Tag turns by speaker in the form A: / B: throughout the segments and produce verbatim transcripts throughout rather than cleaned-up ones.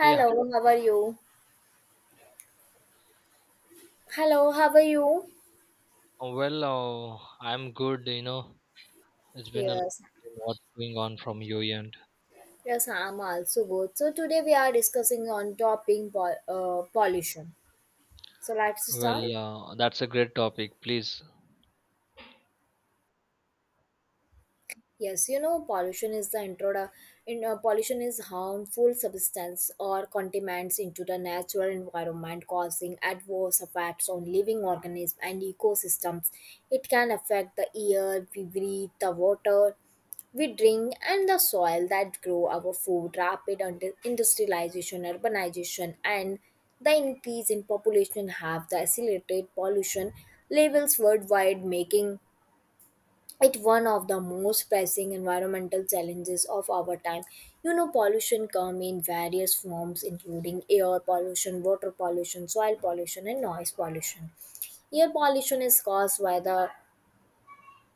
A: Yeah,
B: how are you? Hello, how are you?
A: well, uh, I'm good. You know, it's been a long
B: Yes,
A: time. What's going on from your end?
B: yes, I'm also good. So today we are discussing on topping pol- uh, pollution. So let's start.
A: Well, uh, that's a great topic. Please.
B: Yes, you know, pollution is the introdu- in, uh, pollution is harmful substance or contaminants into the natural environment causing adverse effects on living organisms and ecosystems. It can affect the air we breathe, the water we drink, and the soil that grow our food. Rapid under- industrialization, urbanization, and the increase in population have the accelerated pollution levels worldwide, making it's one of the most pressing environmental challenges of our time. You know, pollution come in various forms, including air pollution, water pollution, soil pollution, and noise pollution. Air pollution is caused by the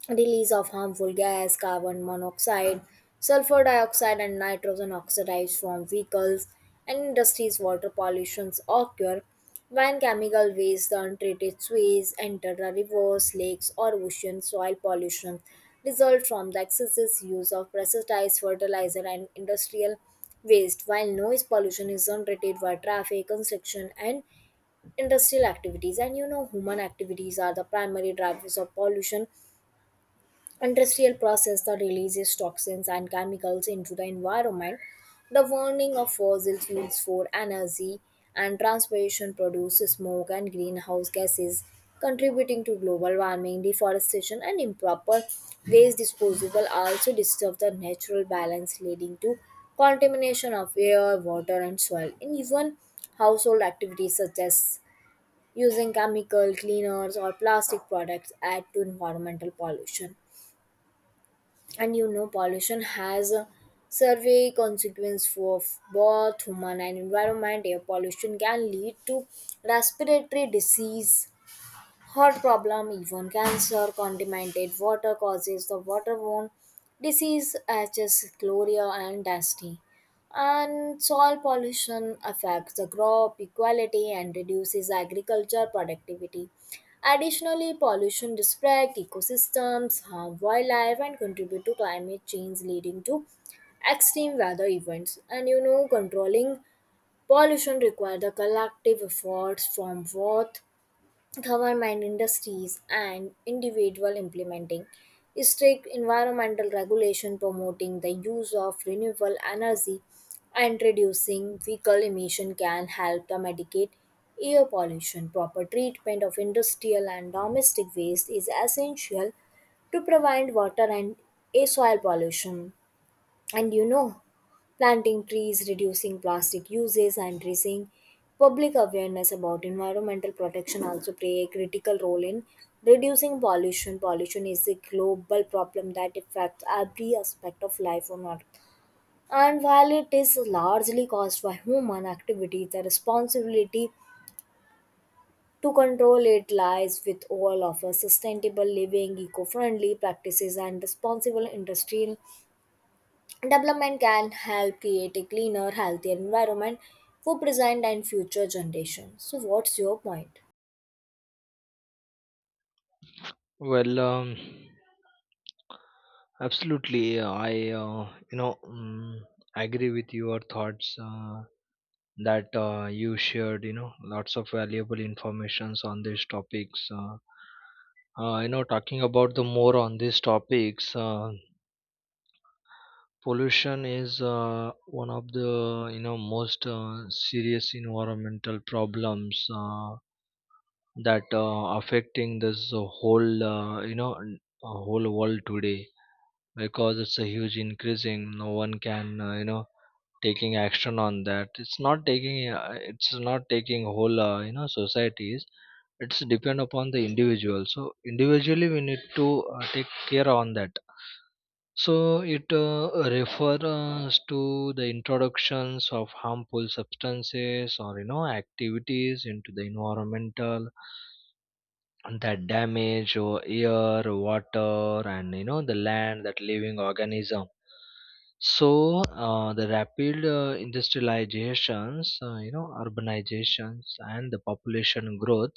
B: release of harmful gas, carbon monoxide, sulfur dioxide, and nitrogen oxides from vehicles and industries. Water pollutions occur when chemical waste, the untreated sewage, enter the rivers, lakes, or oceans. Soil pollution result from the excessive use of pesticides, fertilizer, and industrial waste. While noise pollution is generated by traffic, construction, and industrial activities, and you know, human activities are the primary drivers of pollution. Industrial process that releases toxins and chemicals into the environment. The burning of fossil fuels for energy and transportation produces smoke and greenhouse gases, contributing to global warming, deforestation, and improper waste disposal also disturb the natural balance, leading to contamination of air, water, and soil. And even household activities such as using chemical cleaners or plastic products add to environmental pollution. And you know, pollution has a survey consequence for both human and environment. Air pollution can lead to respiratory disease, heart problem, even cancer. Contaminated water causes the waterborne disease such as chloria and dusty. And soil pollution affects the crop equality and reduces agriculture productivity. Additionally, pollution disrupts ecosystems, harm wildlife, and contribute to climate change, leading to extreme weather events. And you know, controlling pollution requires the collective efforts from both government, industries, and individual. Implementing strict environmental regulation, promoting the use of renewable energy, and reducing vehicle emission can help to mitigate air pollution. Proper treatment of industrial and domestic waste is essential to prevent water and air soil pollution. And you know, planting trees, reducing plastic uses, and raising public awareness about environmental protection also play a critical role in reducing pollution. Pollution is a global problem that affects every aspect of life on earth, and while it is largely caused by human activity, the responsibility to control it lies with all of us. Sustainable living, eco-friendly practices, and responsible industrial development can help create a cleaner, healthier environment for present and future generations. So, what's your point?
A: Well, um, Absolutely. uh, I, uh, you know, um, agree with your thoughts uh, that uh, you shared. You know, lots of valuable informations on these topics. Uh, uh, you know, talking about the more on these topics. Uh, pollution is uh, one of the you know most uh, serious environmental problems uh, that uh, affecting this uh, whole uh, you know n- uh, whole world today, because it's a huge increasing. No one can uh, you know taking action on that. It's not taking uh, it's not taking whole uh, you know societies. It's depend upon the individual, so individually we need to uh, take care on that. So it uh, refers to the introductions of harmful substances or you know activities into the environmental that damage or air, water, and you know the land that living organism. So uh, the rapid uh, industrializations, uh, you know, urbanizations, and the population growth,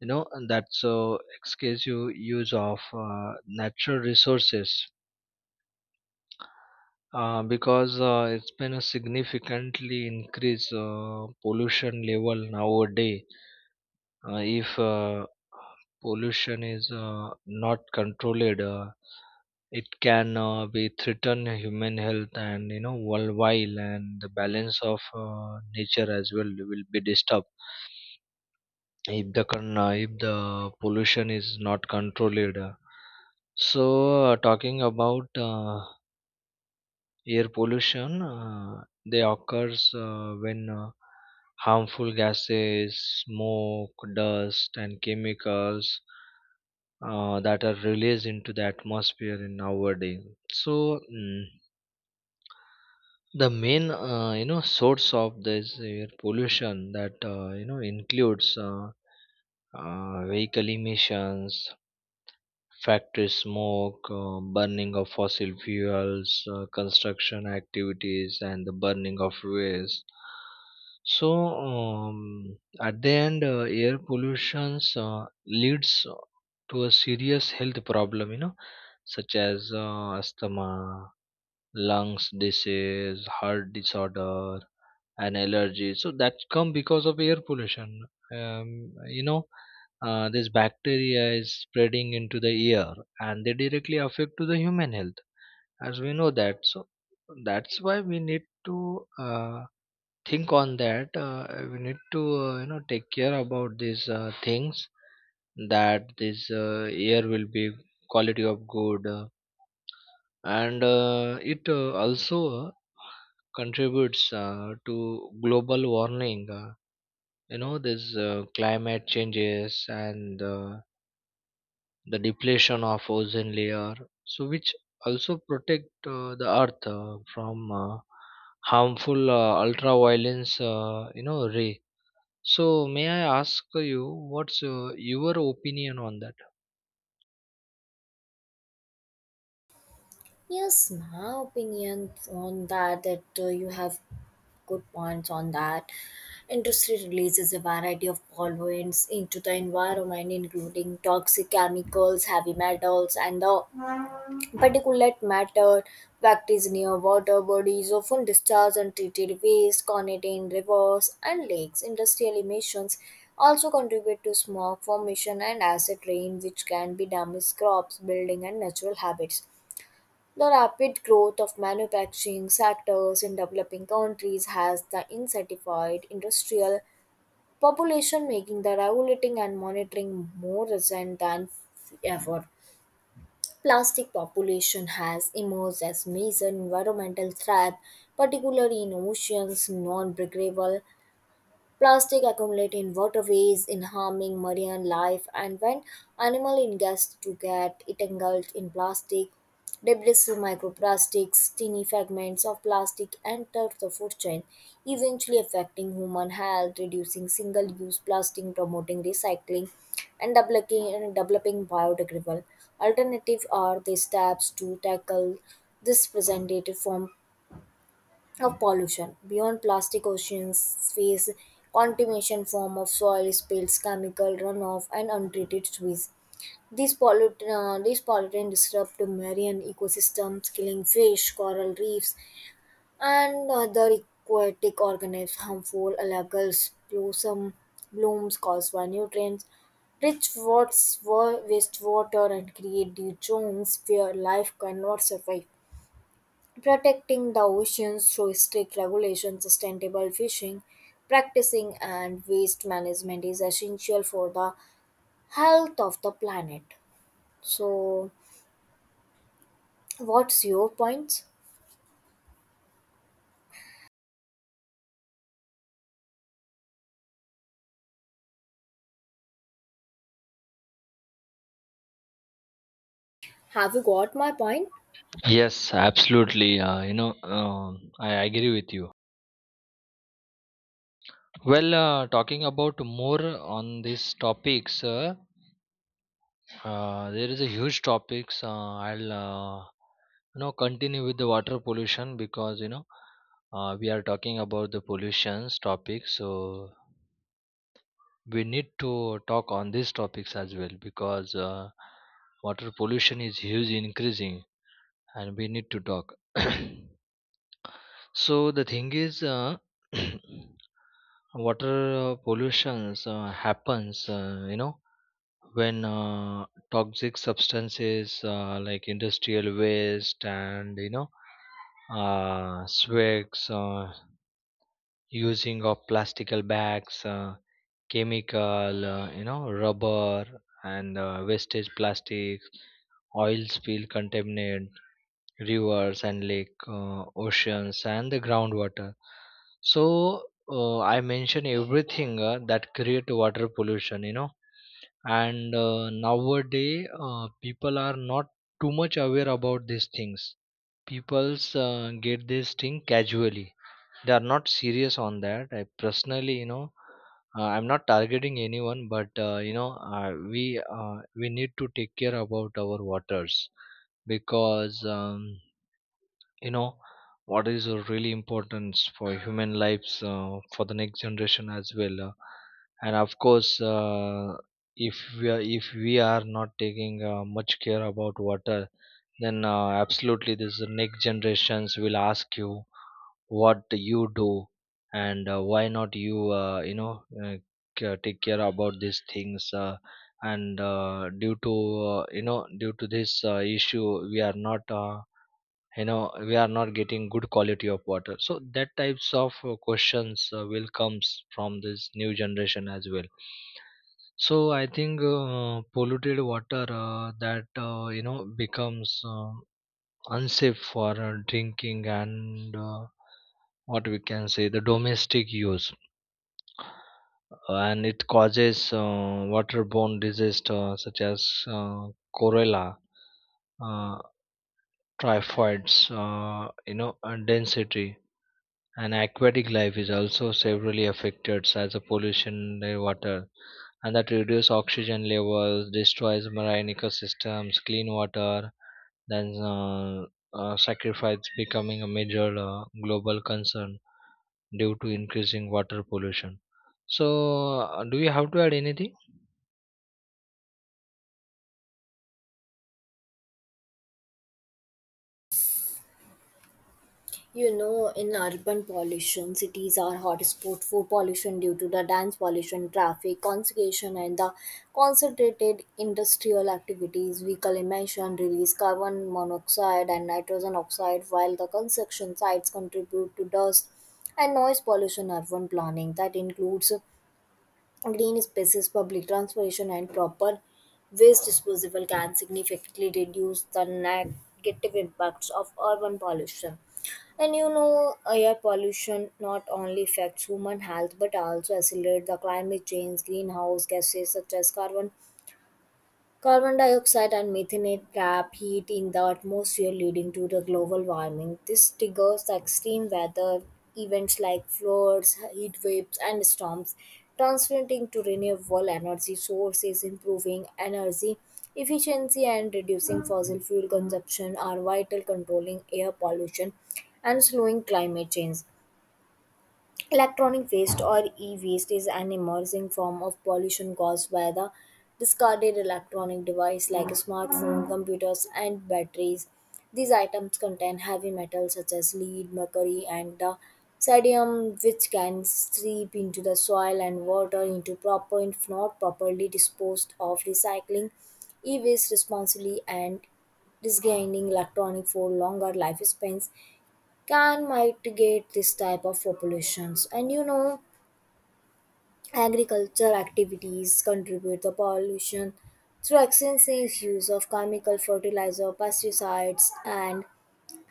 A: you know, and that's uh, excessive use of uh, natural resources, uh, because uh, it's been a significantly increase uh, pollution level nowadays. Uh, if uh, pollution is uh, not controlled, uh, it can uh, be threaten human health and you know worldwide, and the balance of uh, nature as well will be disturbed if the con- uh, if the pollution is not controlled. So uh, talking about uh, air pollution, uh, they occurs uh, when uh, harmful gases, smoke, dust, and chemicals uh, that are released into the atmosphere in nowadays. So, mm, the main uh, you know source of this air pollution that uh, you know includes uh, uh, vehicle emissions, factory smoke, uh, burning of fossil fuels, uh, construction activities, and the burning of waste. So, um, at the end, uh, air pollution uh, leads to a serious health problem, you know, such as uh, asthma, lungs disease, heart disorder, and allergies, so that come because of air pollution. um, you know uh, this bacteria is spreading into the air, and they directly affect to the human health, as we know that. So that's why we need to uh, think on that. Uh, we need to uh, you know take care about these uh, things, that this uh, air will be quality of good. Uh, and uh, it uh, also uh, contributes uh, to global warming, uh, you know this uh, climate changes and uh, the depletion of ozone layer, so which also protect uh, the earth uh, from uh, harmful uh, ultraviolence uh, you know ray. So may I ask you, what's uh, your opinion on that?
B: Yes, my opinion on that, that uh, you have good points on that. Industry releases a variety of pollutants into the environment, including toxic chemicals, heavy metals, and the particulate matter. Factories near water bodies often discharge untreated waste, containing rivers and lakes. Industrial emissions also contribute to smog formation and acid rain, which can be damage crops, building, and natural habits. The rapid growth of manufacturing sectors in developing countries has the incentivified industrial population, making the regulating and monitoring more urgent than ever. Plastic population has emerged as major environmental threat, particularly in oceans. Non-breakable plastic accumulate in waterways, in harming marine life, and when animal ingests to get it engulfed in plastic debris through microplastics, tiny fragments of plastic enter the food chain, eventually affecting human health. Reducing single-use plastic, promoting recycling, and developing, and developing biodegradable alternative are the steps to tackle this presented form of pollution. Beyond plastic, oceans face contamination form of soil spills, chemical runoff, and untreated sewage. These pollut uh, these pollutant disrupt marine ecosystems, killing fish, coral reefs, and other aquatic organisms. Harmful algal blossom blooms caused by nutrients rich wats- wa- wastewater and create the zones where life cannot survive. Protecting the oceans through strict regulation, sustainable fishing practicing, and waste management is essential for the health of the planet. So, what's your point? Have you got my point?
A: Yes, absolutely. uh, you know um I agree with you. Well, uh, talking about more on these topics, uh, uh, there is a huge topics. Uh, I'll uh, you know continue with the water pollution, because, you know, uh, we are talking about the pollutions topic, so we need to talk on these topics as well, because uh, water pollution is huge increasing, and we need to talk. So the thing is. Uh, water uh, pollutions uh, happens, uh, you know when uh, toxic substances uh, like industrial waste and you know uh, swigs, uh, using of plastical bags, uh, chemical uh, you know rubber, and uh, wastage plastics, oil spill contaminate rivers and lake, uh, oceans and the groundwater. So uh, I mention everything uh, that create water pollution, you know. And uh, nowadays uh, people are not too much aware about these things. People's uh, get this thing casually. They are not serious on that. I personally, you know, uh, I'm not targeting anyone, but, uh, you know uh, we uh, we need to take care about our waters, because, um, you know what is uh, really important for human lives, uh, for the next generation as well. Uh, and of course, uh, if we are, if we are not taking uh, much care about water, then uh, absolutely this next generations will ask you, what you do, and uh, why not you uh, you know uh, ca- take care about these things. Uh, and uh, due to uh, you know due to this uh, issue, we are not uh, you know we are not getting good quality of water, so that types of uh, questions uh, will comes from this new generation as well. So I think, uh, polluted water uh, that, uh, you know becomes uh, unsafe for uh, drinking and, uh, what we can say, the domestic use. And it causes uh, waterborne diseases such as uh, cholera, uh, typhoids, uh, you know and density. And aquatic life is also severely affected, such as pollution in water, and that reduces oxygen levels, destroys marine ecosystems, clean water, then uh, uh, sacrifice becoming a major uh, global concern due to increasing water pollution. So, uh, do you have to add anything?
B: You know, in urban pollution, cities are hotspot for pollution due to the dense pollution, traffic, congestion, and the concentrated industrial activities. Vehicle emission release carbon monoxide and nitrogen oxide, while the construction sites contribute to dust and noise pollution. Urban planning that includes green spaces, public transportation, and proper waste disposal can significantly reduce the negative impacts of urban pollution. And you know, air pollution not only affects human health but also accelerates the climate change. Greenhouse gases such as carbon carbon dioxide and methane trap heat in the atmosphere, leading to the global warming. This triggers extreme weather events like floods, heat waves, and storms. Transferring to renewable energy sources, improving energy efficiency, and reducing fossil fuel consumption are vital controlling air pollution and slowing climate change. Electronic waste or e waste is an emerging form of pollution caused by the discarded electronic devices like smartphones, computers, and batteries. These items contain heavy metals such as lead, mercury, and the sodium, which can seep into the soil and water into proper if not properly disposed of. Recycling e waste responsibly and disgaining electronic for longer lifespans can mitigate this type of populations. And you know, agriculture activities contribute the pollution through extensive use of chemical fertilizer, pesticides, and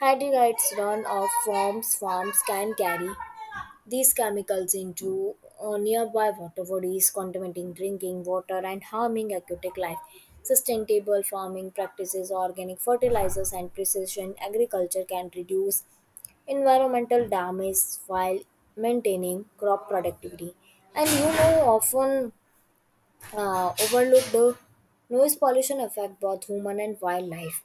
B: herbicides. Runoff from farms can carry these chemicals into uh, nearby water bodies, contaminating drinking water and harming aquatic life. Sustainable farming practices, organic fertilizers, and precision agriculture can reduce environmental damage while maintaining crop productivity. And you know, often uh, overlooked, the noise pollution affect both human and wildlife.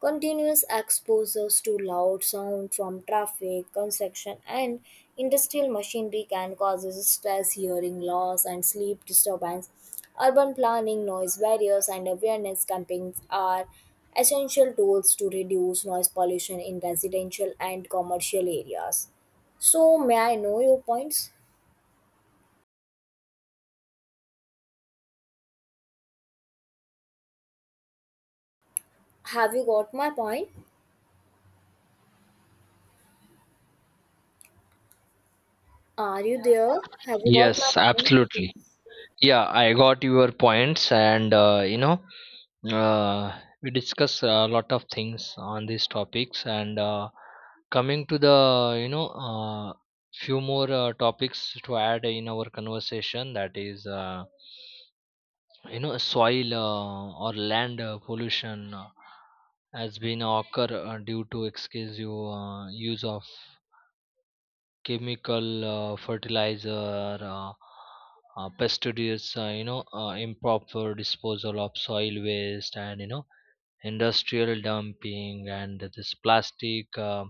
B: Continuous exposures to loud sound from traffic, construction, and industrial machinery can cause stress, hearing loss, and sleep disturbance. Urban planning, noise barriers, and awareness campaigns are essential tools to reduce noise pollution in residential and commercial areas. So, may I know your points? Have you got my point? Are you there? Have you got my
A: Yes,
B: point?
A: absolutely. Yeah, I got your points, and uh, you know. Uh, we discuss a lot of things on these topics, and uh, coming to the, you know uh, few more uh, topics to add in our conversation. That is, uh, you know, soil uh, or land uh, pollution uh, has been occur uh, due to excessive uh, use of chemical uh, fertilizer. Uh, uh, pesticides, uh, you know, uh, improper disposal of soil waste, and, you know, industrial dumping and this plastic uh,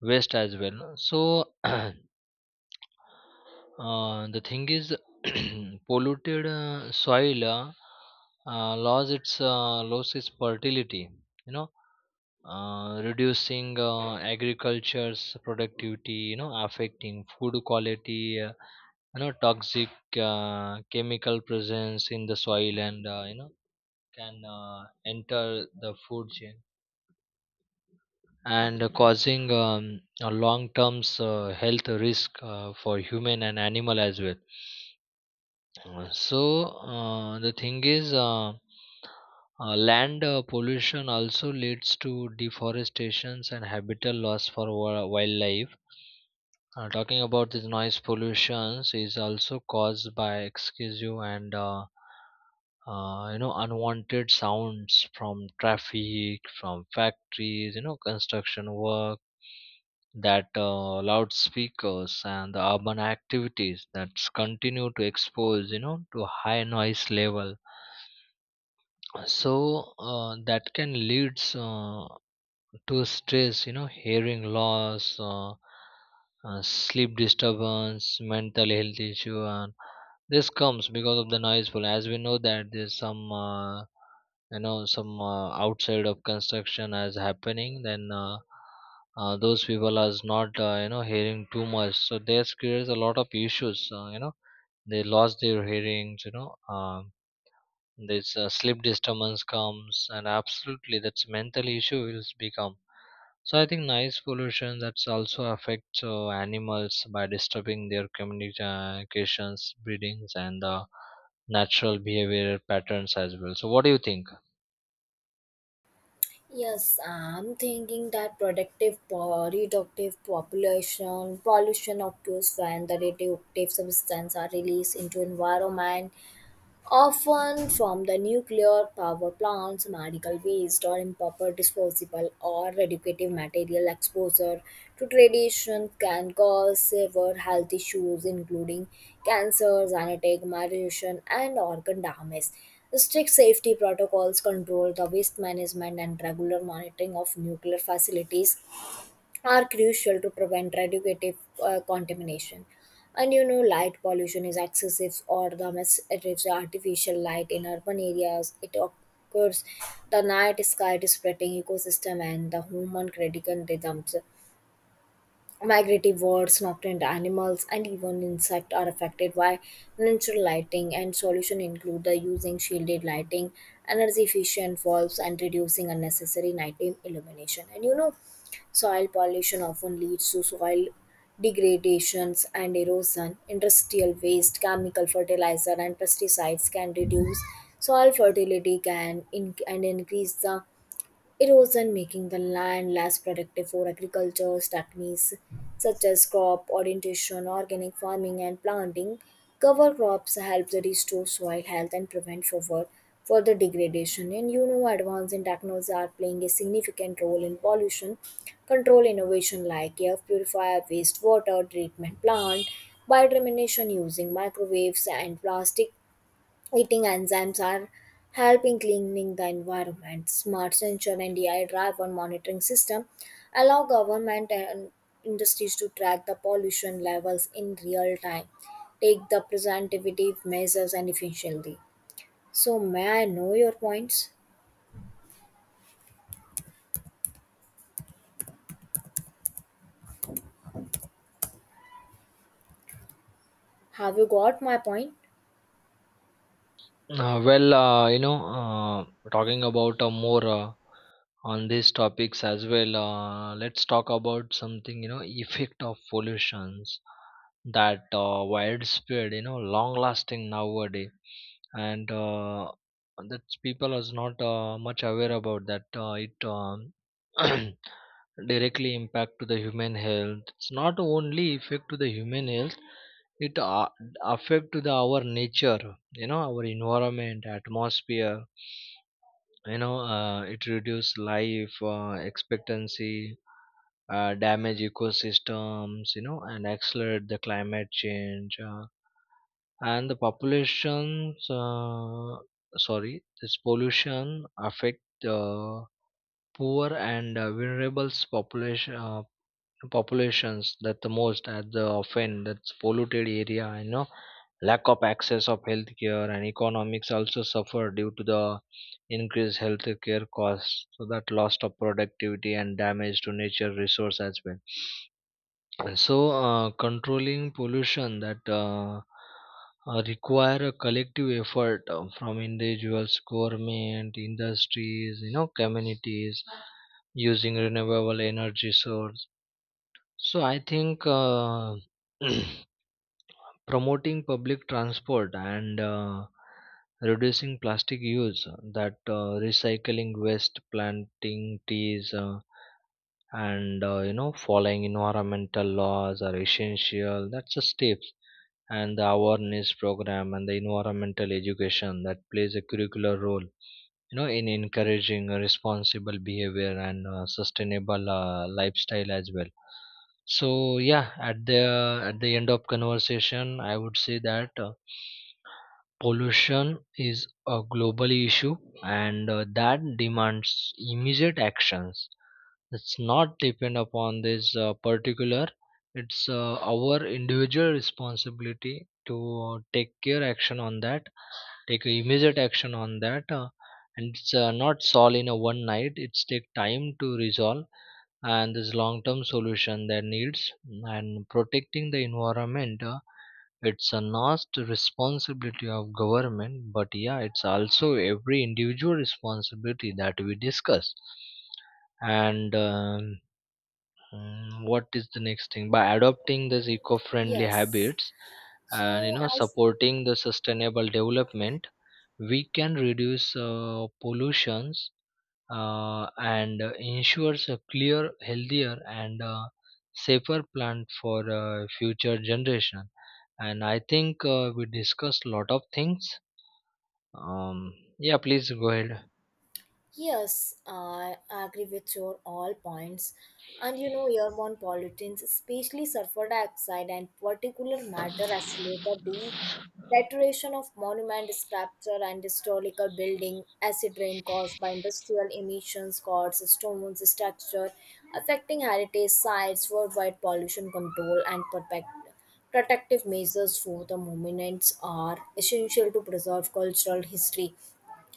A: waste as well. So uh, the thing is, polluted uh, soil uh, uh, loss its uh, loss its fertility, you know, uh, reducing uh, agriculture's productivity, you know, affecting food quality. Uh, you know toxic uh, chemical presence in the soil, and, uh, you know can uh, enter the food chain, and causing um, a long term uh, health risk uh, for human and animal as well. Uh, so uh, the thing is, uh, uh, land uh, pollution also leads to deforestations and habitat loss for wa- wildlife. Uh, talking about this noise pollution, is also caused by excessive and uh, uh, you know unwanted sounds from traffic, from factories, you know, construction work, that uh, loudspeakers and the urban activities that continue to expose, you know, to high noise level. So uh, that can leads uh, to stress, you know, hearing loss, uh, uh, sleep disturbance, mental health issue. And this comes because of the noiseful, as we know that there's some, uh, you know some uh, outside of construction as happening. Then uh, uh, those people are not, uh, you know hearing too much, so this creates a lot of issues. Uh, you know, they lost their hearings. You know um, this uh, sleep disturbance comes, and absolutely that's mental issue will become. So I think noise pollution that's also affects uh, animals by disturbing their communications, breedings, and the natural behavior patterns as well. So what do you think?
B: Yes, I'm thinking that productive po- reductive population pollution occurs when the radioactive substances are released into environment, often from the nuclear power plants, medical waste, or improper disposable or radioactive material. Exposure to radiation can cause severe health issues, including cancers, anatigma, radiation, and organ damage. Strict safety protocols, control the waste management, and regular monitoring of nuclear facilities are crucial to prevent radioactive uh, contamination. And you know, light pollution is excessive or the misattributed artificial light in urban areas. It occurs the night sky is spreading ecosystem and the human circadian rhythms. Migratory birds, nocturnal animals, and even insects are affected by natural lighting, and solution include the using shielded lighting, energy efficient bulbs, and reducing unnecessary nighttime illumination. And you know, soil pollution often leads to soil degradations and erosion. Industrial waste, chemical fertilizer, and pesticides can reduce soil fertility can in- and increase the erosion, making the land less productive for agriculture. Techniques such as crop orientation, organic farming, and planting cover crops help to restore soil health and prevent further, further degradation. And you know, advances in technology are playing a significant role in pollution control. Innovation like air purifier, wastewater treatment plant, biodegradation using microwaves, and plastic Eating enzymes are helping cleaning the environment. Smart sensor and A I driven monitoring system allow government and industries to track the pollution levels in real time, take the preventive measures and efficiently. So may I know your points? Have you got my point?
A: Uh, well, uh, you know, uh, Talking about uh, more uh, on these topics as well, uh, let's talk about something, you know, effect of pollutions that uh, widespread, you know, long lasting nowadays. And uh, that people is not uh, much aware about that. Uh, it um, directly impact to the human health. It's not only effect to the human health, it a- affect to the our nature, you know, our environment atmosphere. You know uh, it reduce life uh, expectancy, uh, damage ecosystems, you know, and accelerate the climate change. Uh, and the populations, uh, sorry, this pollution affect uh, poor and uh, vulnerable population uh, populations, that the most at the often that's polluted area, you know, lack of access of healthcare and economics, also suffer due to the increased healthcare costs, so that loss of productivity and damage to nature resource as well. So uh, controlling pollution that uh, uh, require a collective effort uh, from individuals, government, industries, you know, communities, using renewable energy source. So I think, uh, promoting public transport, and uh, reducing plastic use, uh, that uh, recycling waste, planting trees, uh, and uh, you know following environmental laws are essential. That's the steps. And the awareness program and the environmental education that plays a curricular role, you know, in encouraging responsible behavior and uh, sustainable uh, lifestyle as well. So yeah, at the, at the end of conversation, I would say that, uh, pollution is a global issue, and uh, that demands immediate actions. It's not depend upon this uh, particular. It's uh, our individual responsibility to take care action on that, take immediate action on that. Uh, and it's uh, not solved in a one night, it's take time to resolve, and this long term solution that needs, and protecting the environment, uh, it's a not responsibility of government, but yeah, it's also every individual responsibility that we discuss. And um, Mm, what is the next thing? By adopting these eco-friendly
B: Yes.
A: habits and, you
B: So
A: know,
B: as.
A: supporting the sustainable development, we can reduce uh, pollutions, uh, and uh, ensures a clear, healthier, and uh, safer plant for uh, future generation. And I think uh, we discussed lot of things. Um, yeah, please go ahead.
B: Yes, I agree with your all points. And you know, airborne pollutants, especially sulfur dioxide and particulate matter, accelerate the deterioration of monument sculpture and historical building. Acid rain caused by industrial emissions, causes stones structure, affecting heritage sites. Worldwide pollution control and protect, protective measures for the monuments are essential to preserve cultural history.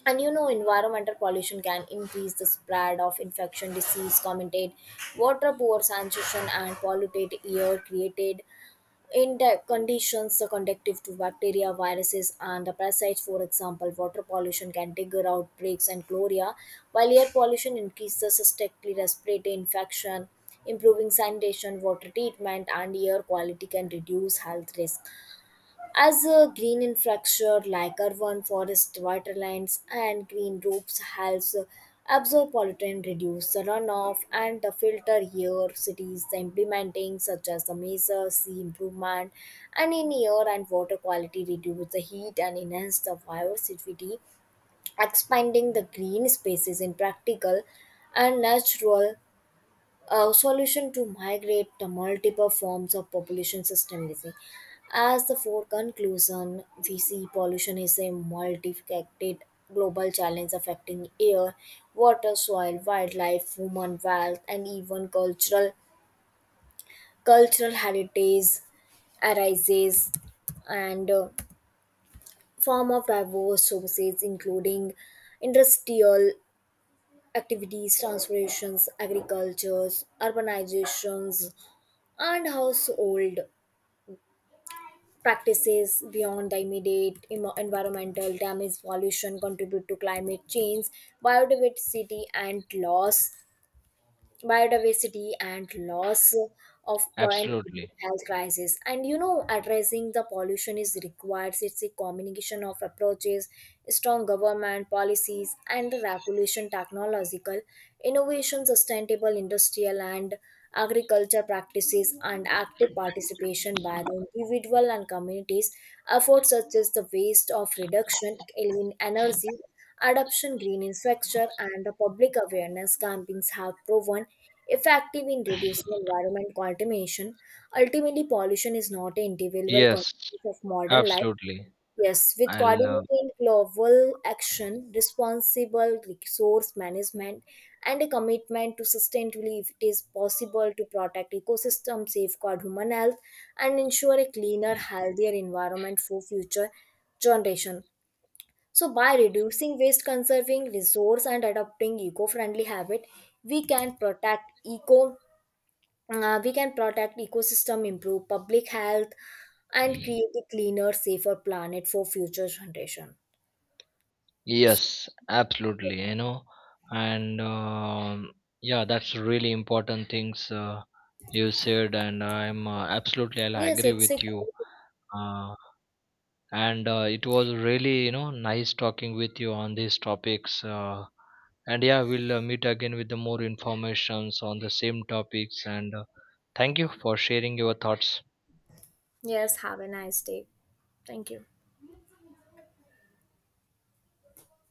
B: And you know, environmental pollution can increase the spread of infection, disease, commented water, poor sanitation, and polluted air created in the conditions conductive to bacteria, viruses, and the parasites. For example, water pollution can trigger outbreaks and cholera, while air pollution increases suspectly respiratory infection. Improving sanitation, water treatment, and air quality can reduce health risk. As a green infrastructure like urban forest, water lines, and green roofs helps absorb pollutant, reduce the runoff, and the filter here cities implementing such as the measure sea improvement and in air and water quality reduce the heat and enhance the biodiversity, expanding the green spaces in practical and natural, a solution to migrate the multiple forms of population systemically. As the fourth conclusion, we see pollution is a multifaceted global challenge affecting air, water, soil, wildlife, human wealth, and even cultural cultural heritage arises and uh, form of diverse sources, including industrial activities, transportations, agricultures, urbanizations, and household practices. Beyond the immediate emo- environmental damage, pollution contribute to climate change, biodiversity and loss biodiversity and loss of point
A: Absolutely.
B: health crisis. And you know, addressing the pollution is required, it's a combination of approaches, strong government policies and regulation, technological innovation, sustainable industrial and agriculture practices, and active participation by the individual and communities. Efforts such as the waste of reduction in energy adoption, green infrastructure, and the public awareness campaigns have proven effective in reducing environment contamination. Ultimately, pollution is not an individual
A: Yes,
B: consequence of modern life.
A: absolutely.
B: Yes, with
A: I'll. Uh,
B: coordinated global action, responsible resource management, and a commitment to sustainability, if it is possible to protect ecosystem, safeguard human health, and ensure a cleaner, healthier environment for future generation. So by reducing waste, conserving resource, and adopting eco-friendly habit, we can protect eco uh, we can protect ecosystem, improve public health, and create a cleaner, safer planet for future generation.
A: Yes, absolutely. You know, and um, Yeah, that's really important things uh, you said, and I'm uh, absolutely I
B: Yes,
A: agree
B: it's a
A: with you.
B: good.
A: Uh, and uh, It was really, you know, nice talking with you on these topics. Uh, and yeah, we'll uh, meet again with the more informations on the same topics. And uh, thank you for sharing your thoughts.
B: Yes, have a nice day. Thank you.